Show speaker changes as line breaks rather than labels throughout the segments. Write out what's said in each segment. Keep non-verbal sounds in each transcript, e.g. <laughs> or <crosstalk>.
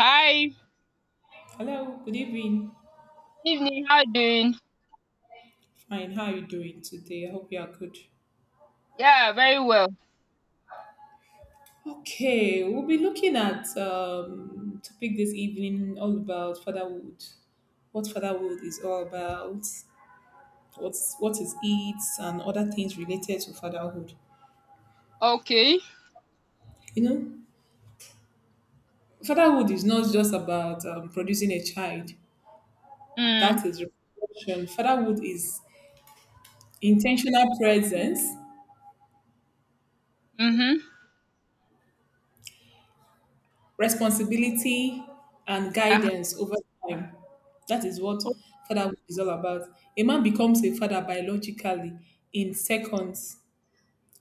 Hi.
Hello, good evening.
Evening. How you doing?
Fine, how are you doing today? I hope you are good.
Yeah, very well.
Okay, we'll be looking at topic this evening all about fatherhood. What fatherhood is all about, what is it, and other things related to fatherhood.
Okay.
You know, fatherhood is not just about producing a child. That
Mm.
is reproduction. Fatherhood is intentional presence,
Mhm.
responsibility, and
Uh-huh.
guidance over time. That is what fatherhood is all about. A man becomes a father biologically in seconds.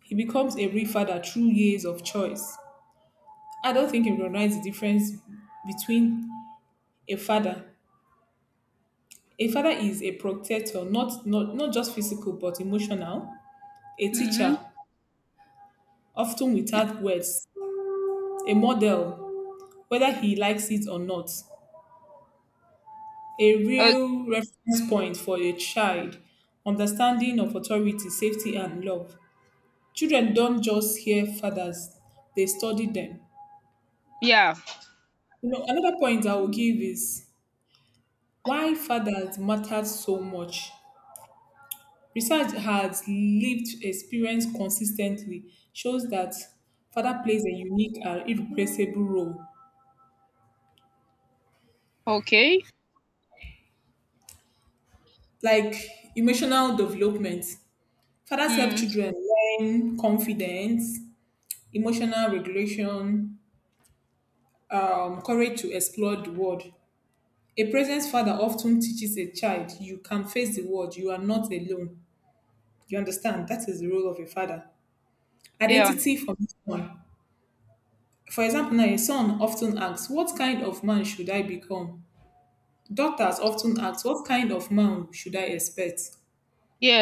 He becomes a real father through years of choice. I don't think you recognize the difference between a father. A father is a protector, not just physical, but emotional. A teacher,
Mhm.
often without words. A model, whether he likes it or not. A
Uh
real reference point for a child, understanding of authority, safety, and love. Children don't just hear fathers, they study them.
yeah.
You know, another point I will give is why fathers matter so much. Research has lived experience consistently shows that father plays a unique and irreplaceable role,
Okay.
like emotional development. Fathers help
Mm.
children learn confidence, emotional regulation, courage to explore the world. A present father often teaches a child, you can face the world, you are not alone. You understand? That is the role of a father.
Yeah.
Identity from someone. For example, now a son often asks, what kind of man should I become? Daughters often ask, what kind of man should I expect?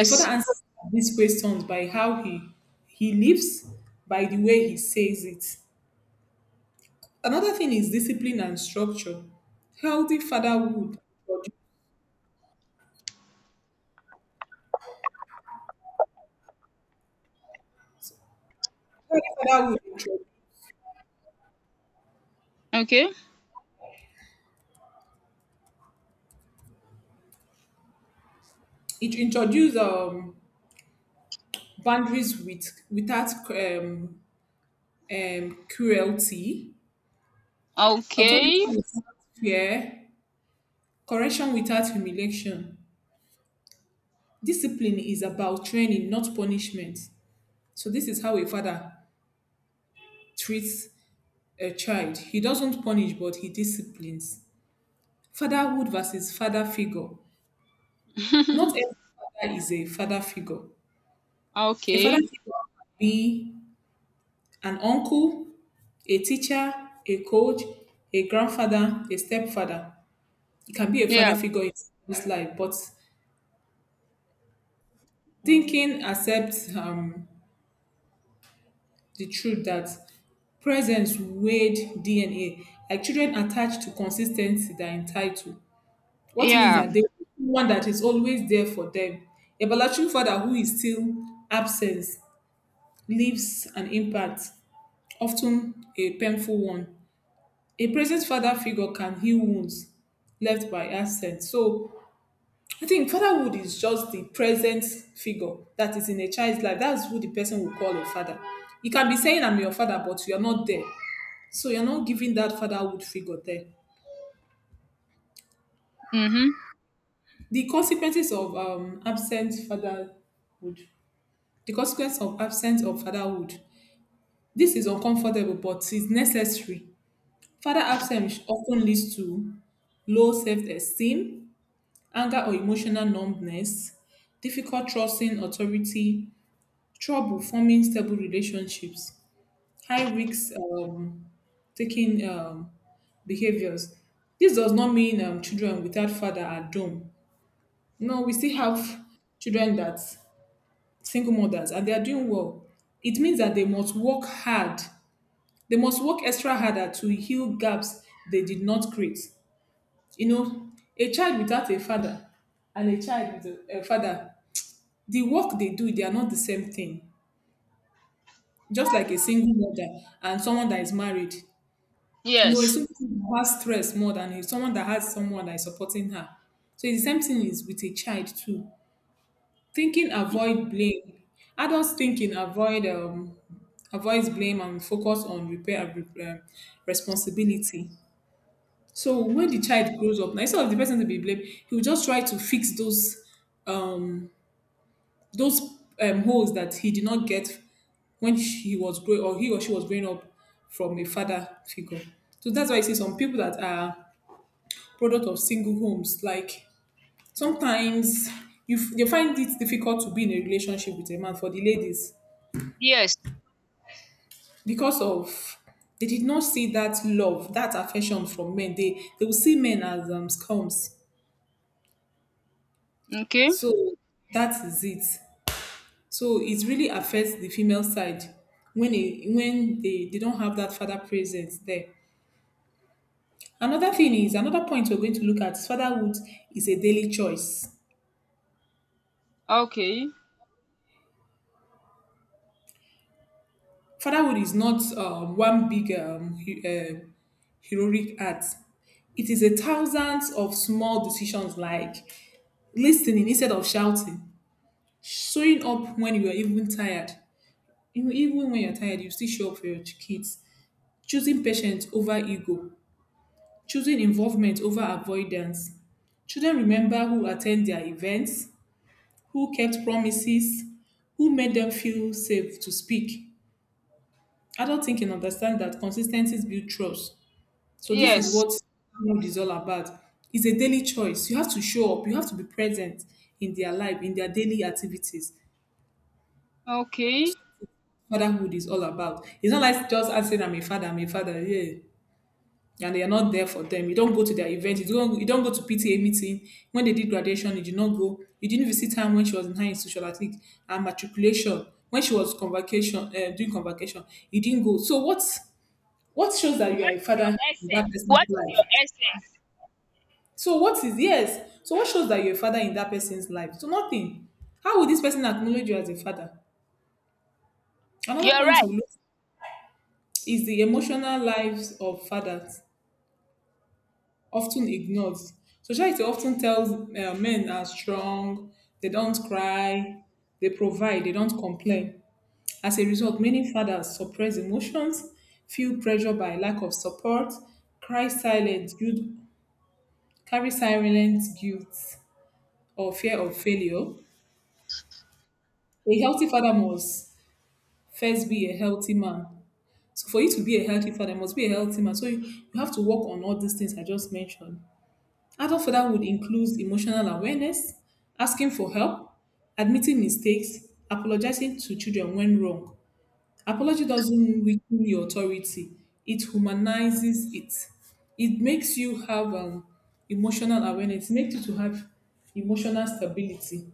A father answers these questions by how he lives, by the way he says it. Another thing is discipline and structure. Healthy fatherhood. Father would
Okay.
It introduce boundaries with without cruelty, authority
Okay.
without fear, correction without humiliation. Discipline is about training, not punishment. So this is how a father treats a child. He doesn't punish, but he disciplines. Fatherhood versus father figure. Not
<laughs>
every father is a father figure. A father
okay.
figure can be an uncle, a teacher, a coach, a grandfather, a stepfather. It can be a father
Yeah.
figure in this life, but thinking accepts the truth that presence weighed DNA, like children attached to consistency they're entitled. What means
Yeah.
that they want one that is always there for them. A biological father who is still absent leaves an impact, often a painful one. A present father figure can heal wounds left by absence. So I think fatherhood is just the present figure that is in a child's life. That's who the person will call a father. You can be saying, I'm your father, but you're not there. So you're not giving that fatherhood figure there.
Mhm.
The consequences of absent fatherhood, the consequence of absence of fatherhood. This is uncomfortable, but it's necessary. Father absence often leads to low self esteem, anger or emotional numbness, difficult trusting authority, trouble forming stable relationships, high risk, taking behaviors. This does not mean children without father are doomed. No, we still have children that single mothers and they are doing well. It means that they must work hard. They must work extra harder to heal gaps they did not create. You know, a child without a father and a child with a father, the work they do, they are not the same thing. Just like a single mother and someone that is married, you know, it's
Yes.
someone who has stress more than it's someone that has someone that is supporting her. So it's the same thing is with a child too. Thinking avoid blame. Adults thinking avoids blame and focus on repair and responsibility. So when the child grows up, now instead of the person to be blamed, he will just try to fix um those holes that he did not get when he was growing or he or she was growing up from a father figure. So that's why I see some people that are product of single homes. Like sometimes they find it difficult to be in a relationship with a man for the ladies
Yes.
because of they did not see that love, that affection from men. They will see men as scums.
Okay.
So that is it. So it really affects the female side when they don't have that father presence there. Another thing is another point we're going to look at is fatherhood is a daily choice.
Okay.
Fatherhood is not one big heroic act. It is a thousands of small decisions like listening instead of shouting, showing up when you are even tired. You know, even when you're tired, you still show up for your kids. Choosing patience over ego, choosing involvement over avoidance. Children remember who attend their events, who kept promises, who made them feel safe to speak. Adult thinking understand that consistencies build trust. So this is
Yes.
what mode is all about. It's a daily choice. You have to show up. You have to be present in their life, in their daily activities.
Okay.
Fatherhood is all about. It's not like just asking, "I'm a father, I'm a father." Yeah, and you're not there for them. You don't go to their event. You don't. You don't go to PTA meeting. When they did graduation, you did not go. You didn't visit her when she was in high institutional athlete and matriculation. When she was convocation, doing convocation, you didn't go. So what? What shows that you are
What
a
is your
father in that
essence?
person's
What is
life?
your essence?
So what is yes? So what shows that you're a father in that person's life? So nothing. How will this person acknowledge you as a father? Another
You're
point
right.
we look is the emotional lives of fathers, often ignored. So society often tells men are strong, they don't cry, they provide, they don't complain. As a result, many fathers suppress emotions, feel pressure by lack of support, cry silent, guilt, carry silent guilt or fear of failure. A healthy father must first be a healthy man. So for you to be a healthy father, you must be a healthy man. So you have to work on all these things I just mentioned. Adult fatherhood includes emotional awareness, asking for help, admitting mistakes, apologizing to children when wrong. Apology doesn't weaken your authority, it humanizes it. It makes you have emotional awareness, it makes you to have emotional stability.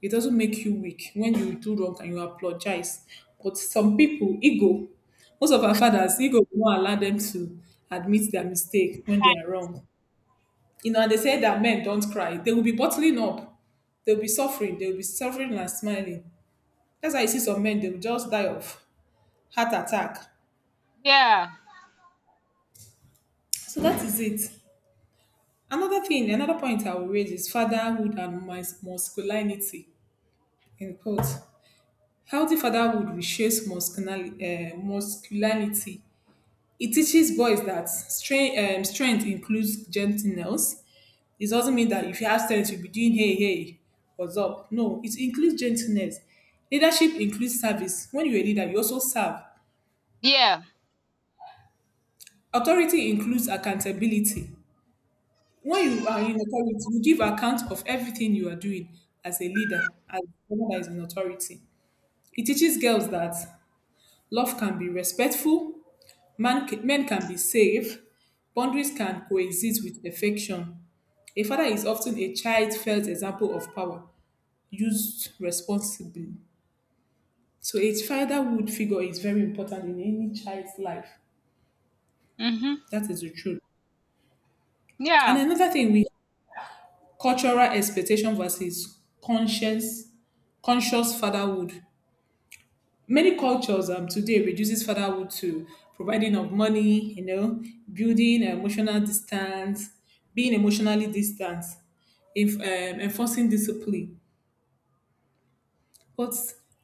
It doesn't make you weak. When you do wrong and you apologize, but some people ego. Most of our fathers ego will not allow them to admit their mistake when they are wrong. You know, and they say that men don't cry. They will be bottling up. They'll be suffering. They'll be suffering and smiling. That's why you see some men. They will just die of heart attack.
Yeah.
So that is it. Another thing, another point I will raise is fatherhood and masculinity. In quote, healthy fatherhood reshapes masculinity. It teaches boys that strength includes gentleness. It doesn't mean that if you have strength, you'll be doing hey, hey, what's up. No, it includes gentleness. Leadership includes service. When you're a leader, you also serve.
Yeah.
Authority includes accountability. When you are in authority, you give account of everything you are doing as a leader, as someone that is in authority. It teaches girls that love can be respectful, men can be safe. Boundaries can coexist with affection. A father is often a child-felt example of power used responsibly. So a fatherhood figure is very important in any child's life.
Mhm.
That is the truth. And
Yeah.
another thing we cultural expectation versus conscious fatherhood. Many cultures today reduces fatherhood to providing of money, you know, building emotional distance, being emotionally distant, if, enforcing discipline. But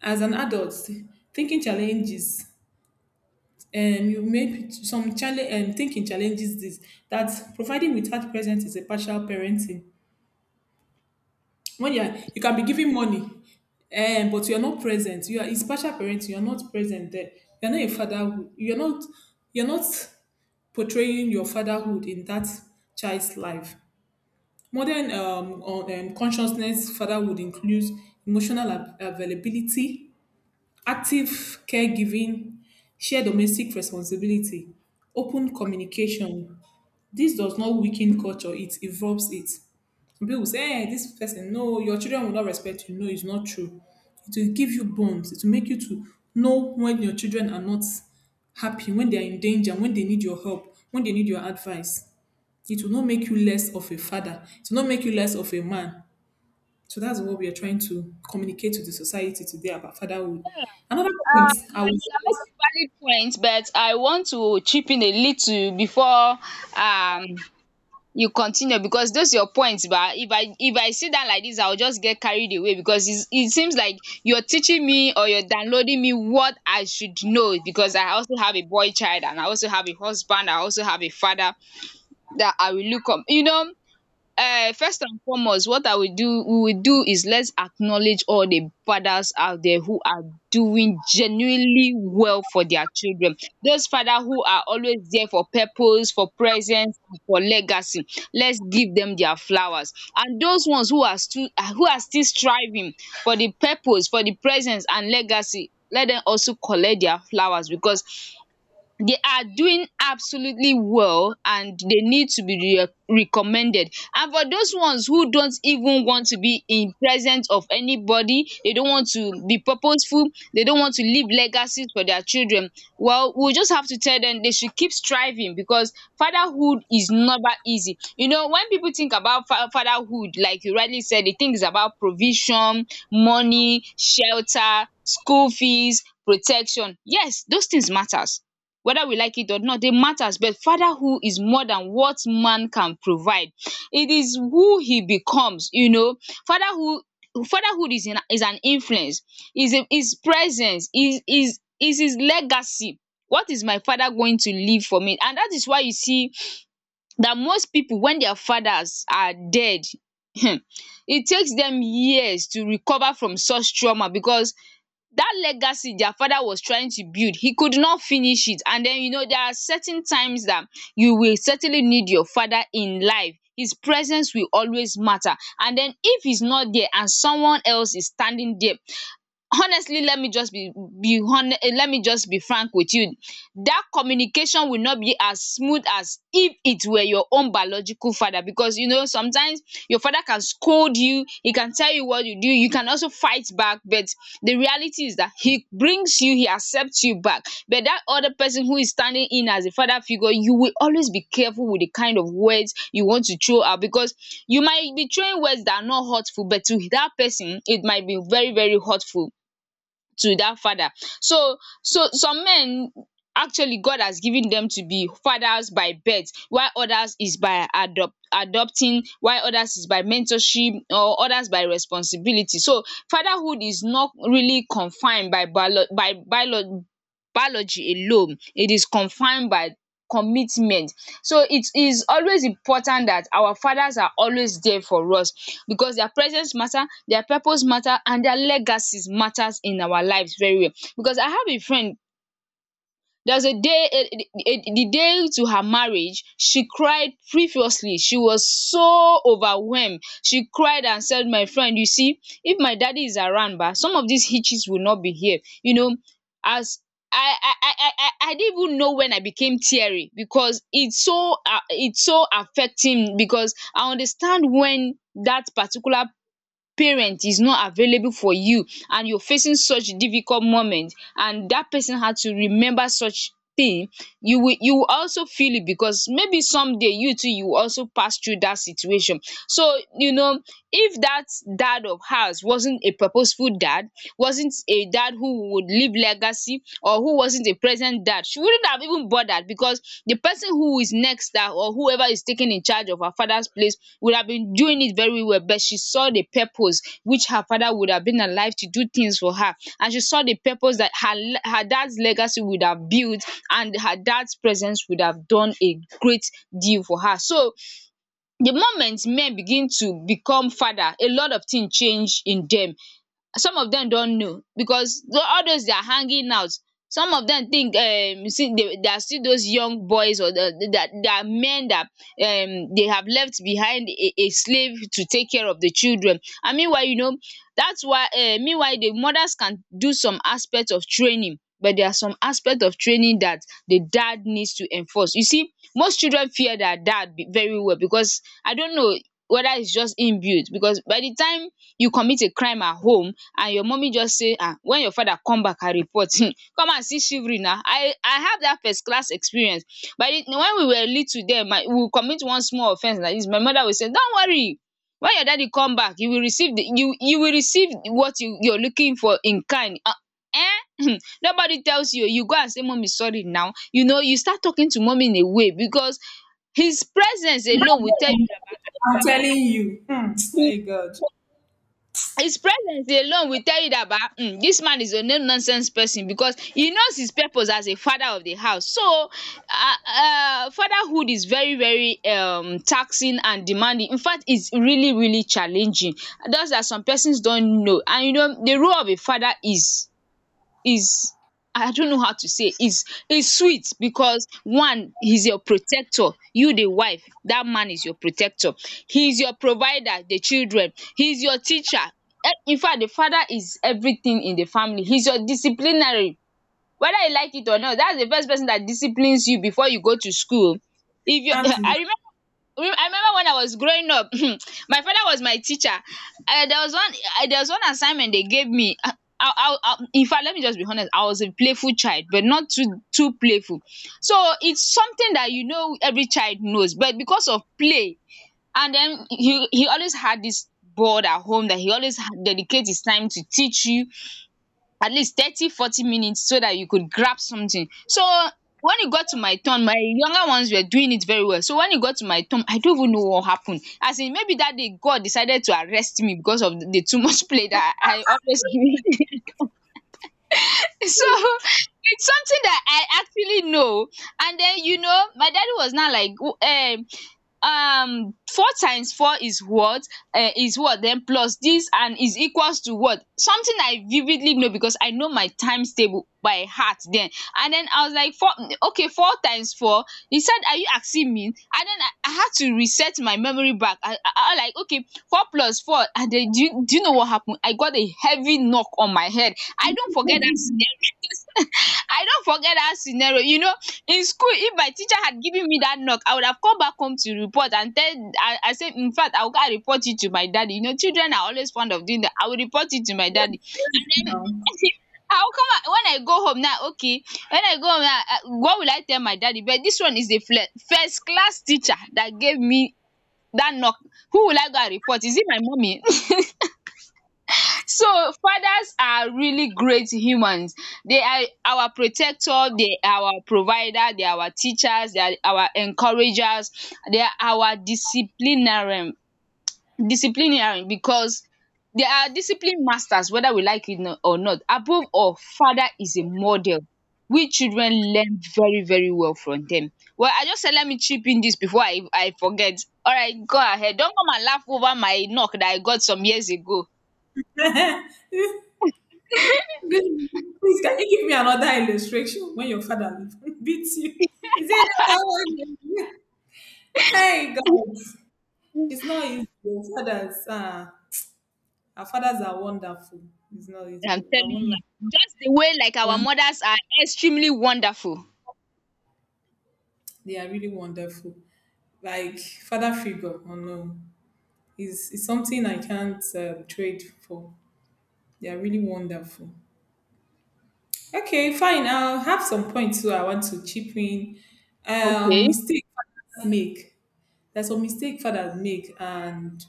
as an adult, thinking challenges, um, you may some challenge thinking challenges this that providing without present is a partial parenting. When you are, you can be giving money, but you are not present. You are it's partial parenting. You are not present there. You are not a father. You are not. You are not portraying your fatherhood in that child's life. Modern consciousness fatherhood includes emotional availability, active caregiving, shared domestic responsibility, open communication. This does not weaken culture, it evolves it. Some people say, hey, this person, no, your children will not respect you. No, it's not true. It will give you bonds, it will make you to know when your children are not happy, when they are in danger, when they need your help, when they need your advice. It will not make you less of a father. It will not make you less of a man. So that's what we are trying to communicate to the society today about fatherhood. Another point I
You are you
was
are making valid points, but I want to chip in a little before um you continue, because those your points. But if I sit down like this, I will just get carried away because it seems like you are teaching me, or you are downloading me what I should know, because I also have a boy child, and I also have a husband, I also have a father that I will look up, you know. First and foremost, what I will do, we will do, is let's acknowledge all the fathers out there who are doing genuinely well for their children. Those fathers who are always there for purpose, for presence, and for legacy. Let's give them their flowers. And those ones who are still who are still striving for the purpose, for the presence and legacy, let them also collect their flowers, because they are doing absolutely well and they need to be recommended. And for those ones who don't even want to be in presence of anybody, they don't want to be purposeful, they don't want to leave legacies for their children, well, we just have to tell them they should keep striving, because fatherhood is never easy. You know, when people think about fatherhood, like you rightly said, they think it's about provision, money, shelter, school fees, protection. Yes, those things matters, whether we like it or not, dey matters. But father who is more than what man can provide, it is who he becomes, you know. Father, who, fatherhood is in, is an influence, is a, is presence, is his legacy. What is my father going to leave for me? And that is why you see that most people, when their fathers are dead, <clears throat> it takes them years to recover from such trauma, because that legacy their father was trying to build, he could not finish it. And then, you know, there are certain times that you will certainly need your father in life. His presence will always matter. And then if he's not there and someone else is standing there, honestly, let me just be honest, let me just be frank with you, that communication will not be as smooth as if it were your own biological father. Because you know, sometimes your father can scold you, he can tell you what you do, you can also fight back, but the reality is that he brings you, he accepts you back. But that other person who is standing in as a father figure, you will always be careful with the kind of words you want to throw out, because you might be throwing words that are not hurtful, but to that person it might be very very hurtful to that father. So, so some men actually, God has given them to be fathers by birth, while others is by adopting, while others is by mentorship, or others by responsibility. So fatherhood is not really confined by bio biology alone, it is confined by commitment. So it is always important that our fathers are always there for us, because their presence matter, their purpose matter, and their legacies matters in our lives very well. Because I have a friend, there was a day, the day to her marriage she cried previously, she was so overwhelmed, she cried and said, my friend, you see, if my daddy is around ba, some of these hitches will not be here, you know. As I didn't even know when I became teary, because it's so affecting, because I understand when that particular parent is not available for you and you're facing such difficult moment, and that person had to remember such thing, you will, you will also feel it, because maybe someday you too, you will also pass through that situation. So you know, if that dad of ours wasn't a purposeful dad, wasn't a dad who would leave legacy, or who wasn't a present dad, she wouldn't have even bothered, because the person who is next that, or whoever is taking in charge of her father's place, would have been doing it very well. But she saw the purpose which her father would have been alive to do things for her, and she saw the purpose that her dad's legacy would have built, and her dad's presence would have done a great deal for her. So the moment men begin to become father, a lot of things change in them. Some of them don't know, because all those they are hanging out, some of them think, you see, they are still those young boys, or that they are men that they have left behind a slave to take care of the children. And meanwhile you know, that's why, meanwhile the mothers can do some aspect of training, but there are some aspect of training that the dad needs to enforce. You see, most children fear their dad very well, because I don't know whether it's just inbuilt, because by the time you commit a crime at home and your mommy just say, "Ah, when your father come back and report," <laughs> come and see shivering now. I have that first class experience. But the, when we were little then, my we will commit one small offence like this, my mother will say, don't worry, when your daddy come back, you will receive the you will receive what you're looking for in kind. Eh? <laughs> <clears throat> Nobody tells you, you go and say, mummy sorry now, you know, you start talking to mommy in a way, because his presence alone will tell you that,
I'm telling you. Hmm,
"Ah,
hey God.
his presence alone will tell you that ba, dis man is a no nonsense person, because he knows his purpose as a father of the house. So fatherhood is very very taxing and demanding. Infact is really really challenging. Just that some persons don't know. And you know, the role of a father is, I don't know how to say, is sweet because one, he's your protector, you the wife, that man is your protector, he's your provider, the children, he's your teacher. Eh, in fact, the father is everything in the family, he's your disciplinary, whether you like it or not, that's the first person that disciplines you before you go to school. If you, <laughs>
Exactly.
I remember, I remember when I was growing up, <clears throat> my father was my teacher. There was one, there was one assignment they gave me. In fact, let me just be honest, I was a playful child, but not too too playful. So it's something that, you know, every child knows, but because of play, and then he always had this board at home that he always had dedicate his time to teach you at least 30-40 minutes so that you could grab something. So when it got to my turn, my younger ones were doing it very well. So when it got to my turn, I don't even know what happened, as in maybe that day God decided to arrest me because of the too much <laughs> play that I always <laughs> give. <laughs> So it's something that I actually know. And then you know, my daddy was not like um four times four is what, is what then plus this and is equals to what, something I vividly know because I know my times table by heart then. And then I was like four. Okay, four times four. He said, are you asking me? And then I had to reset my memory back. I was like, okay, four plus four. And then do you know what happened? I got a heavy knock on my head. I don't forget that. I don't forget that scenario. You know, in school, if my teacher had given me that knock, I would have come back home to report and tell I and say, in fact, I will go and report it to my daddy. You know, children are always fond of doing that. I will report it to my daddy. And then
Now.
<laughs> I will come out, when I go home now. Okay, when I go home now, what will I tell my daddy? But this one is the first class teacher that gave me that knock. Who will I go and report? Is it my mommy? So fathers are really great humans. They are our protector, they are our provider, they are our teachers, they are our encouragers, they are our disciplinarian because they are discipline masters, whether we like it or not. Above all, father is a model. We children learn very very well from them. Well, I just said let me chip in this before I forget. Alright, go ahead. Don't come and laugh over my knock that I got some years ago.
<laughs> This- Please, can you give me another illustration when your father <laughs> beats you? Is there another one? Hey God. It's not easy. Our fathers are wonderful. It's not easy.
I'm
I
telling
won't
you, just the way like
lie.
our mothers are extremely wonderful.
They are really wonderful. Like father figure, oh no, is something I can't trade for. They are really wonderful. Okay, fine. I'll have some points too. I want to chip in. Um,
Okay.
mistake fathers make. There's some mistake fathers make, and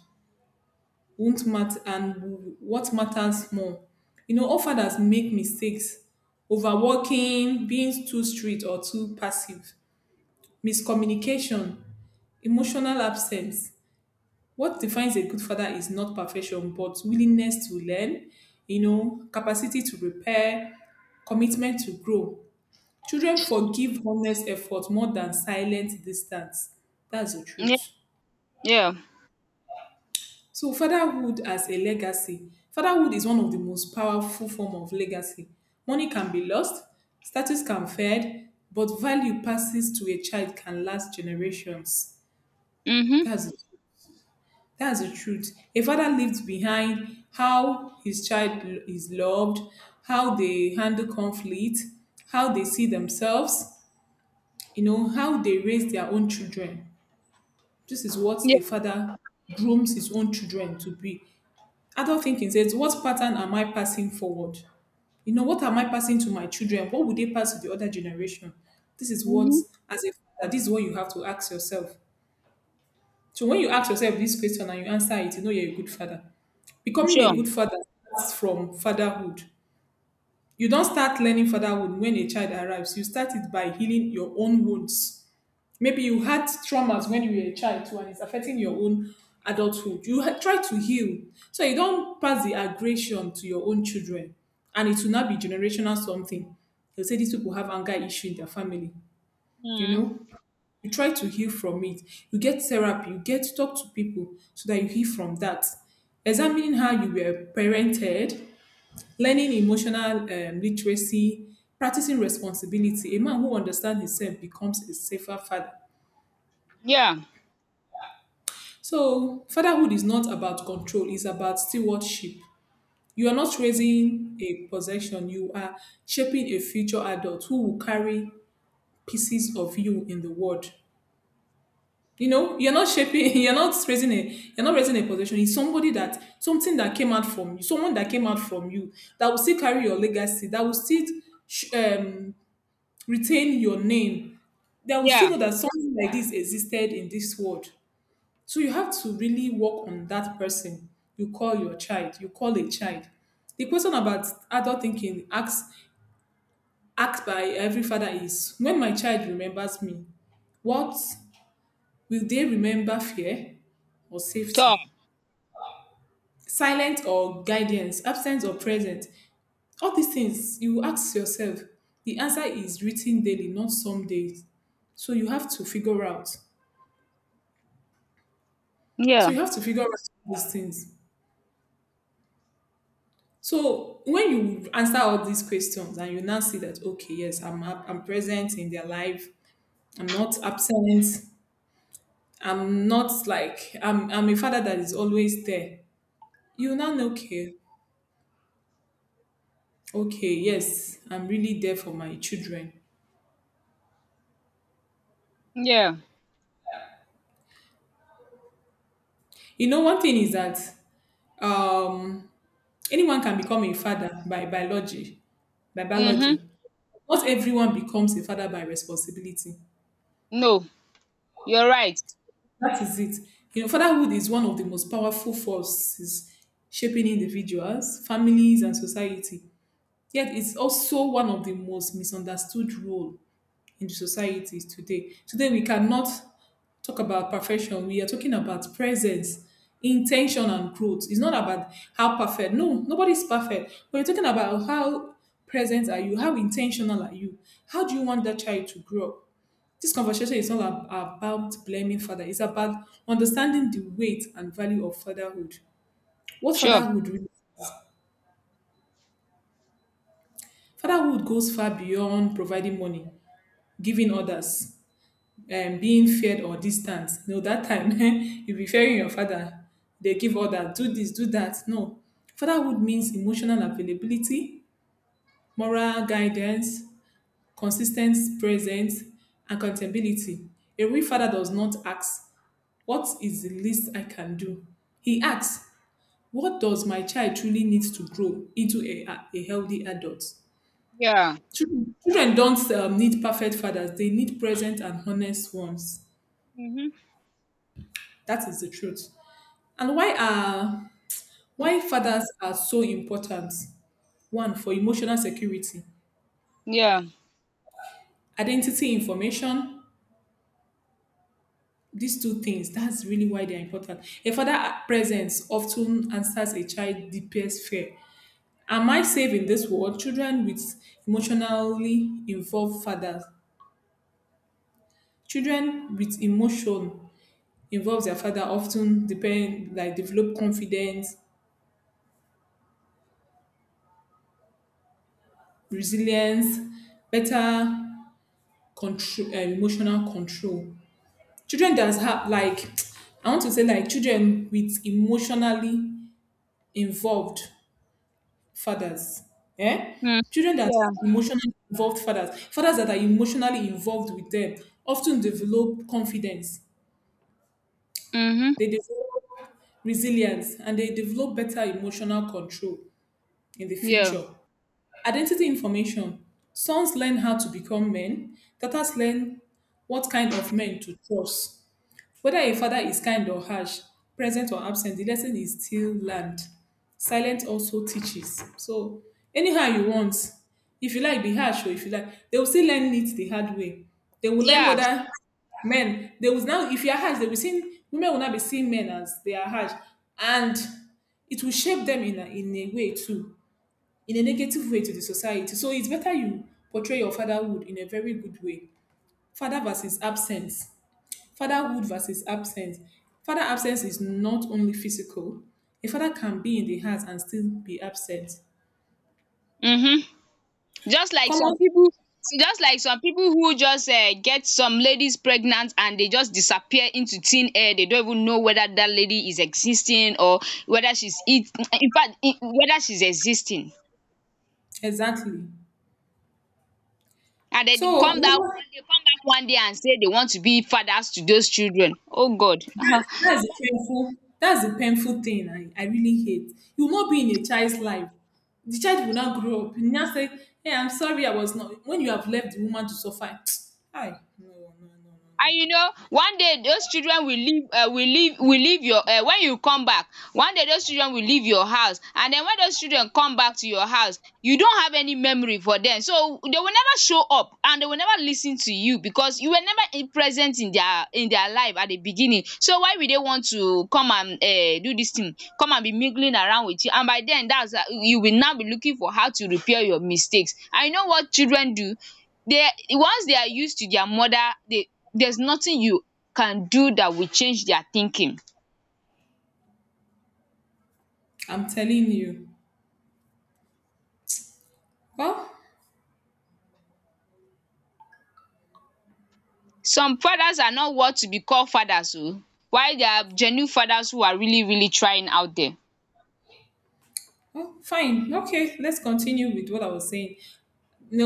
won't matter. And what matters more, all fathers make mistakes. Overworking, being too strict or too passive, miscommunication, emotional absence. What defines a good father is not perfection, but willingness to learn, capacity to repair, commitment to grow. Children forgive honest effort more than silent distance. That's the
Yeah.
truth.
Yeah.
So fatherhood as a legacy. Fatherhood is one of the most powerful form of legacy. Money can be lost, status can fade, but value passes to a child can last generations.
Mhm.
That's it. That's the truth. A father leaves behind how his child is loved, how they handle conflict, how they see themselves, how they raise their own children. This is what
Yeah.
a father grooms his own children to be. Adult thinking says, "What pattern am I passing forward? What am I passing to my children? What would they pass to the other generation?" This is what,
Mhm.
as a father, this is what you have to ask yourself. So when you ask yourself this question and you answer it, you know you're a good father. Becoming
Sure.
a good father starts from fatherhood. You don't start learning fatherhood when a child arrives. You start it by healing your own wounds. Maybe you had traumas when you were a child too, and it's affecting your own adulthood. You try to heal. So you don't pass the aggression to your own children. And it will not be generational something. They'll say these people have anger issue in their family. You
Mm.
know? You try to heal from it. You get therapy, you get to talk to people so that you heal from that, examining how you were parented, learning emotional literacy, practicing responsibility. A man who understands himself becomes a safer father.
Yeah.
So fatherhood is not about control, it's about stewardship. You are not raising a possession, you are shaping a future adult who will carry pieces of you in the world. You know, you're not shaping, <laughs> you're not raising a possession. It's somebody that something that came out from you someone that came out from you, that will still carry your legacy, that will still sh- um retain your name. They will still
Yeah.
know that something like this existed in this world. So you have to really work on that person you call your child, you call a child. The question about adult thinking asked by every father is, when my child remembers me, what will they remember, fear or safety?
Talk.
Silent or guidance, absence or present? All these things you ask yourself. The answer is written daily, not some days. So you have to figure out. So
Yeah.
you have to figure out these things. So when you answer all these questions and you now see that okay, yes, I'm present in their life. I'm not absent. I'm not like I'm a father that is always there. You now know okay, okay, yes, I'm really there for my children.
Yeah.
You know, one thing is that um anyone can become a father by biology, by
Mhm.
biology. Not everyone becomes a father by responsibility.
No, you're right.
That is it. You know, fatherhood is one of the most powerful forces shaping individuals, families, and society. Yet, it's also one of the most misunderstood role in the society today. Today, we cannot talk about perfection. We are talking about presence, intention, and growth. It's not about how perfect. No, nobody's perfect. We're talking about how present are you, how intentional are you, how do you want that child to grow up. This conversation is not about blaming father. It's about understanding the weight and value of fatherhood. What
Sure.
fatherhood really? Fatherhood goes far beyond providing money, giving others, and being feared or distant. No, that time <laughs> you be fearing your father. They give others, do this, do that. No, fatherhood means emotional availability, moral guidance, consistent presence, and accountability. A real father does not ask, "What is the least I can do?" He asks, "What does my child truly need to grow into a healthy adult?"
Yeah.
Children don't need perfect fathers, they need present and honest ones.
Mhm.
That is the truth. And why fathers are so important? One, for emotional security,
Yeah.
identity information. These two things, that's really why they're important. A father presence often answers a child's deepest fear, am I safe in this world? Children with emotionally involved fathers. Children with emotion involves their father often depend like develop confidence, resilience, better control, emotional control. Children that have like <tsk> I want to say like children with emotionally involved fathers. Eh?
Mm.
Children that
Yeah.
are emotionally involved fathers, fathers that are emotionally involved with them often develop confidence.
Mhm.
They develop resilience and they develop better emotional control in the
Yeah.
future. Identity information. Sons learn how to become men, daughters learn what kind of men to trust. Whether a father is kind or harsh, present or absent, the lesson is still learned. Silence also teaches. So anyhow you want, if you like be harsh or if you like, they will still learn it the hard way. They will learn
Yeah.
whether men, they will now, if you are harsh, they will see, women will not be seeing men as they are harsh. And it will shape them in a way too, in a negative way to the society. So it's better you portray your fatherhood in a very good way. father versus absence Fatherhood versus absence. Father absence is not only physical. A father can be in the house and still be absent.
Mhm. Just like some
Common,
people, just like some people who just get some ladies pregnant and they just disappear into thin air, they don't even know whether that lady is existing, or whether she's it, in fact, in whether she's existing.
exactly.
And then they
So
come down one day, come back one day and say they want to be fathers to those children. Oh God. <laughs>
that's the painful. That's the painful thing I really hate. You will not be in a child's life. The child will not grow up. You now say, "Hey, I'm sorry, I was not." When you have left the woman to suffer, <tsk> hi, no, no, no, no, no.
And you know, one day those children will leave will leave will leave your when you come back, one day those children will leave your house. And then when those children come back to your house, you don't have any memory for them. So they will never show up and they will never listen to you, because you were never in present in their life at the beginning. So why will they want to come and do this thing, come and be mingling around with you? And by den dats you will now be looking for how to repair your mistakes. And you know what children do? They, once they are used to their mother, they, there's nothing you can do that will change their thinking.
I'm telling you. Well,
Some fathers are not what to be called fathers o, while there are genuine fathers who are really really trying out there.
well, fine, okay. Let's continue with what I was saying.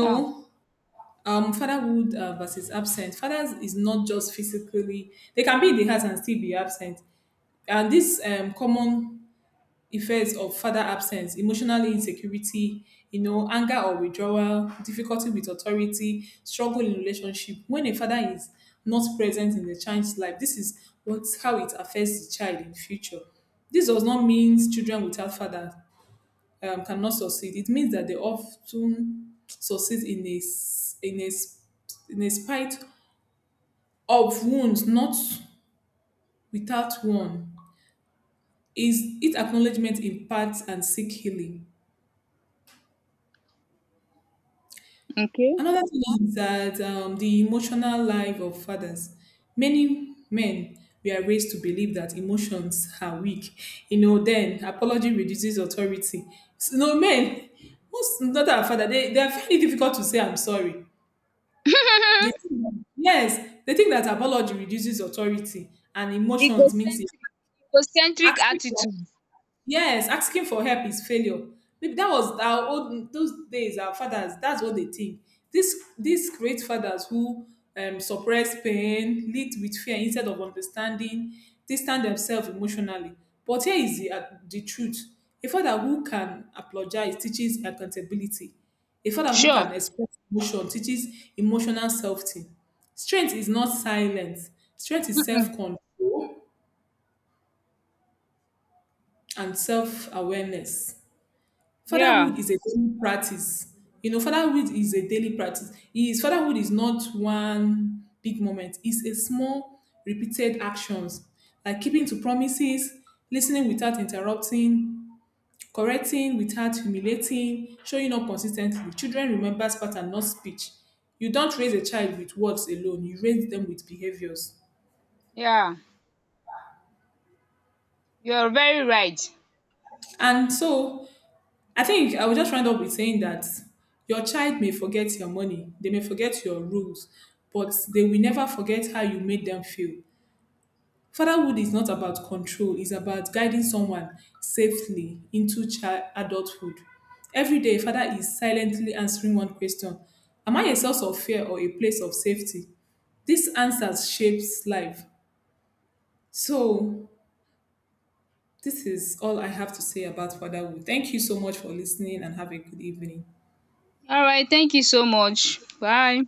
Yeah.
fatherhood versus absent fathers is not just physically, they can be in the house and still be absent. And this common effects of father absence: emotional insecurity, anger or withdrawal, difficulty with authority, struggle in relationship. When a father is not present in the child's life, this is what, how it affects the child in future. This does not mean children without fathers cannot succeed, it means that they often succeed in a spite of wounds, not without one. Is it acknowledgement impacts and seek healing?
Okay.
Another thing is that the emotional life of fathers. Many men, we are raised to believe that emotions are weak. You know, then apology reduces authority. So, no men, most not our father, they are very difficult to say I'm sorry. They
um
think that, yes, they think that apology reduces authority and emotions means it's
Egocentric, egocentric
actually,
attitude.
yes, asking for help is failure. Maybe that was our old those days. Our fathers, that's what they think. This these great fathers who suppress pain, lead with fear instead of understanding, distance themselves emotionally. But here is the truth: a father who can apologize teaches accountability. A father who
Sure.
can express emotion teaches emotional safety. Strength is not silence. Strength is self
um
control and self awareness.
yeah.
Fatherhood is a daily practice. You know, fatherhood is a daily practice. Is fatherhood is not one big moment. It's a small, repeated actions, like keeping to promises, listening without interrupting, correcting without humiliating, showing up consistently. Children remember pattern, not speech. You don't raise a child with words alone. You raise them with behaviors.
Yeah, you're very right.
And so I think I will just round up with saying that your child may forget your money, they may forget your rules, but they will never forget how you made them feel. Fatherhood is not about control, it's about guiding someone safely into child adulthood. Every day, father is silently answering one question: am I a source of fear or a place of safety? These answers shapes life. So, this is all I have to say about fatherhood. Thank you so much for listening and have a good evening.
all right thank you so much. Bye.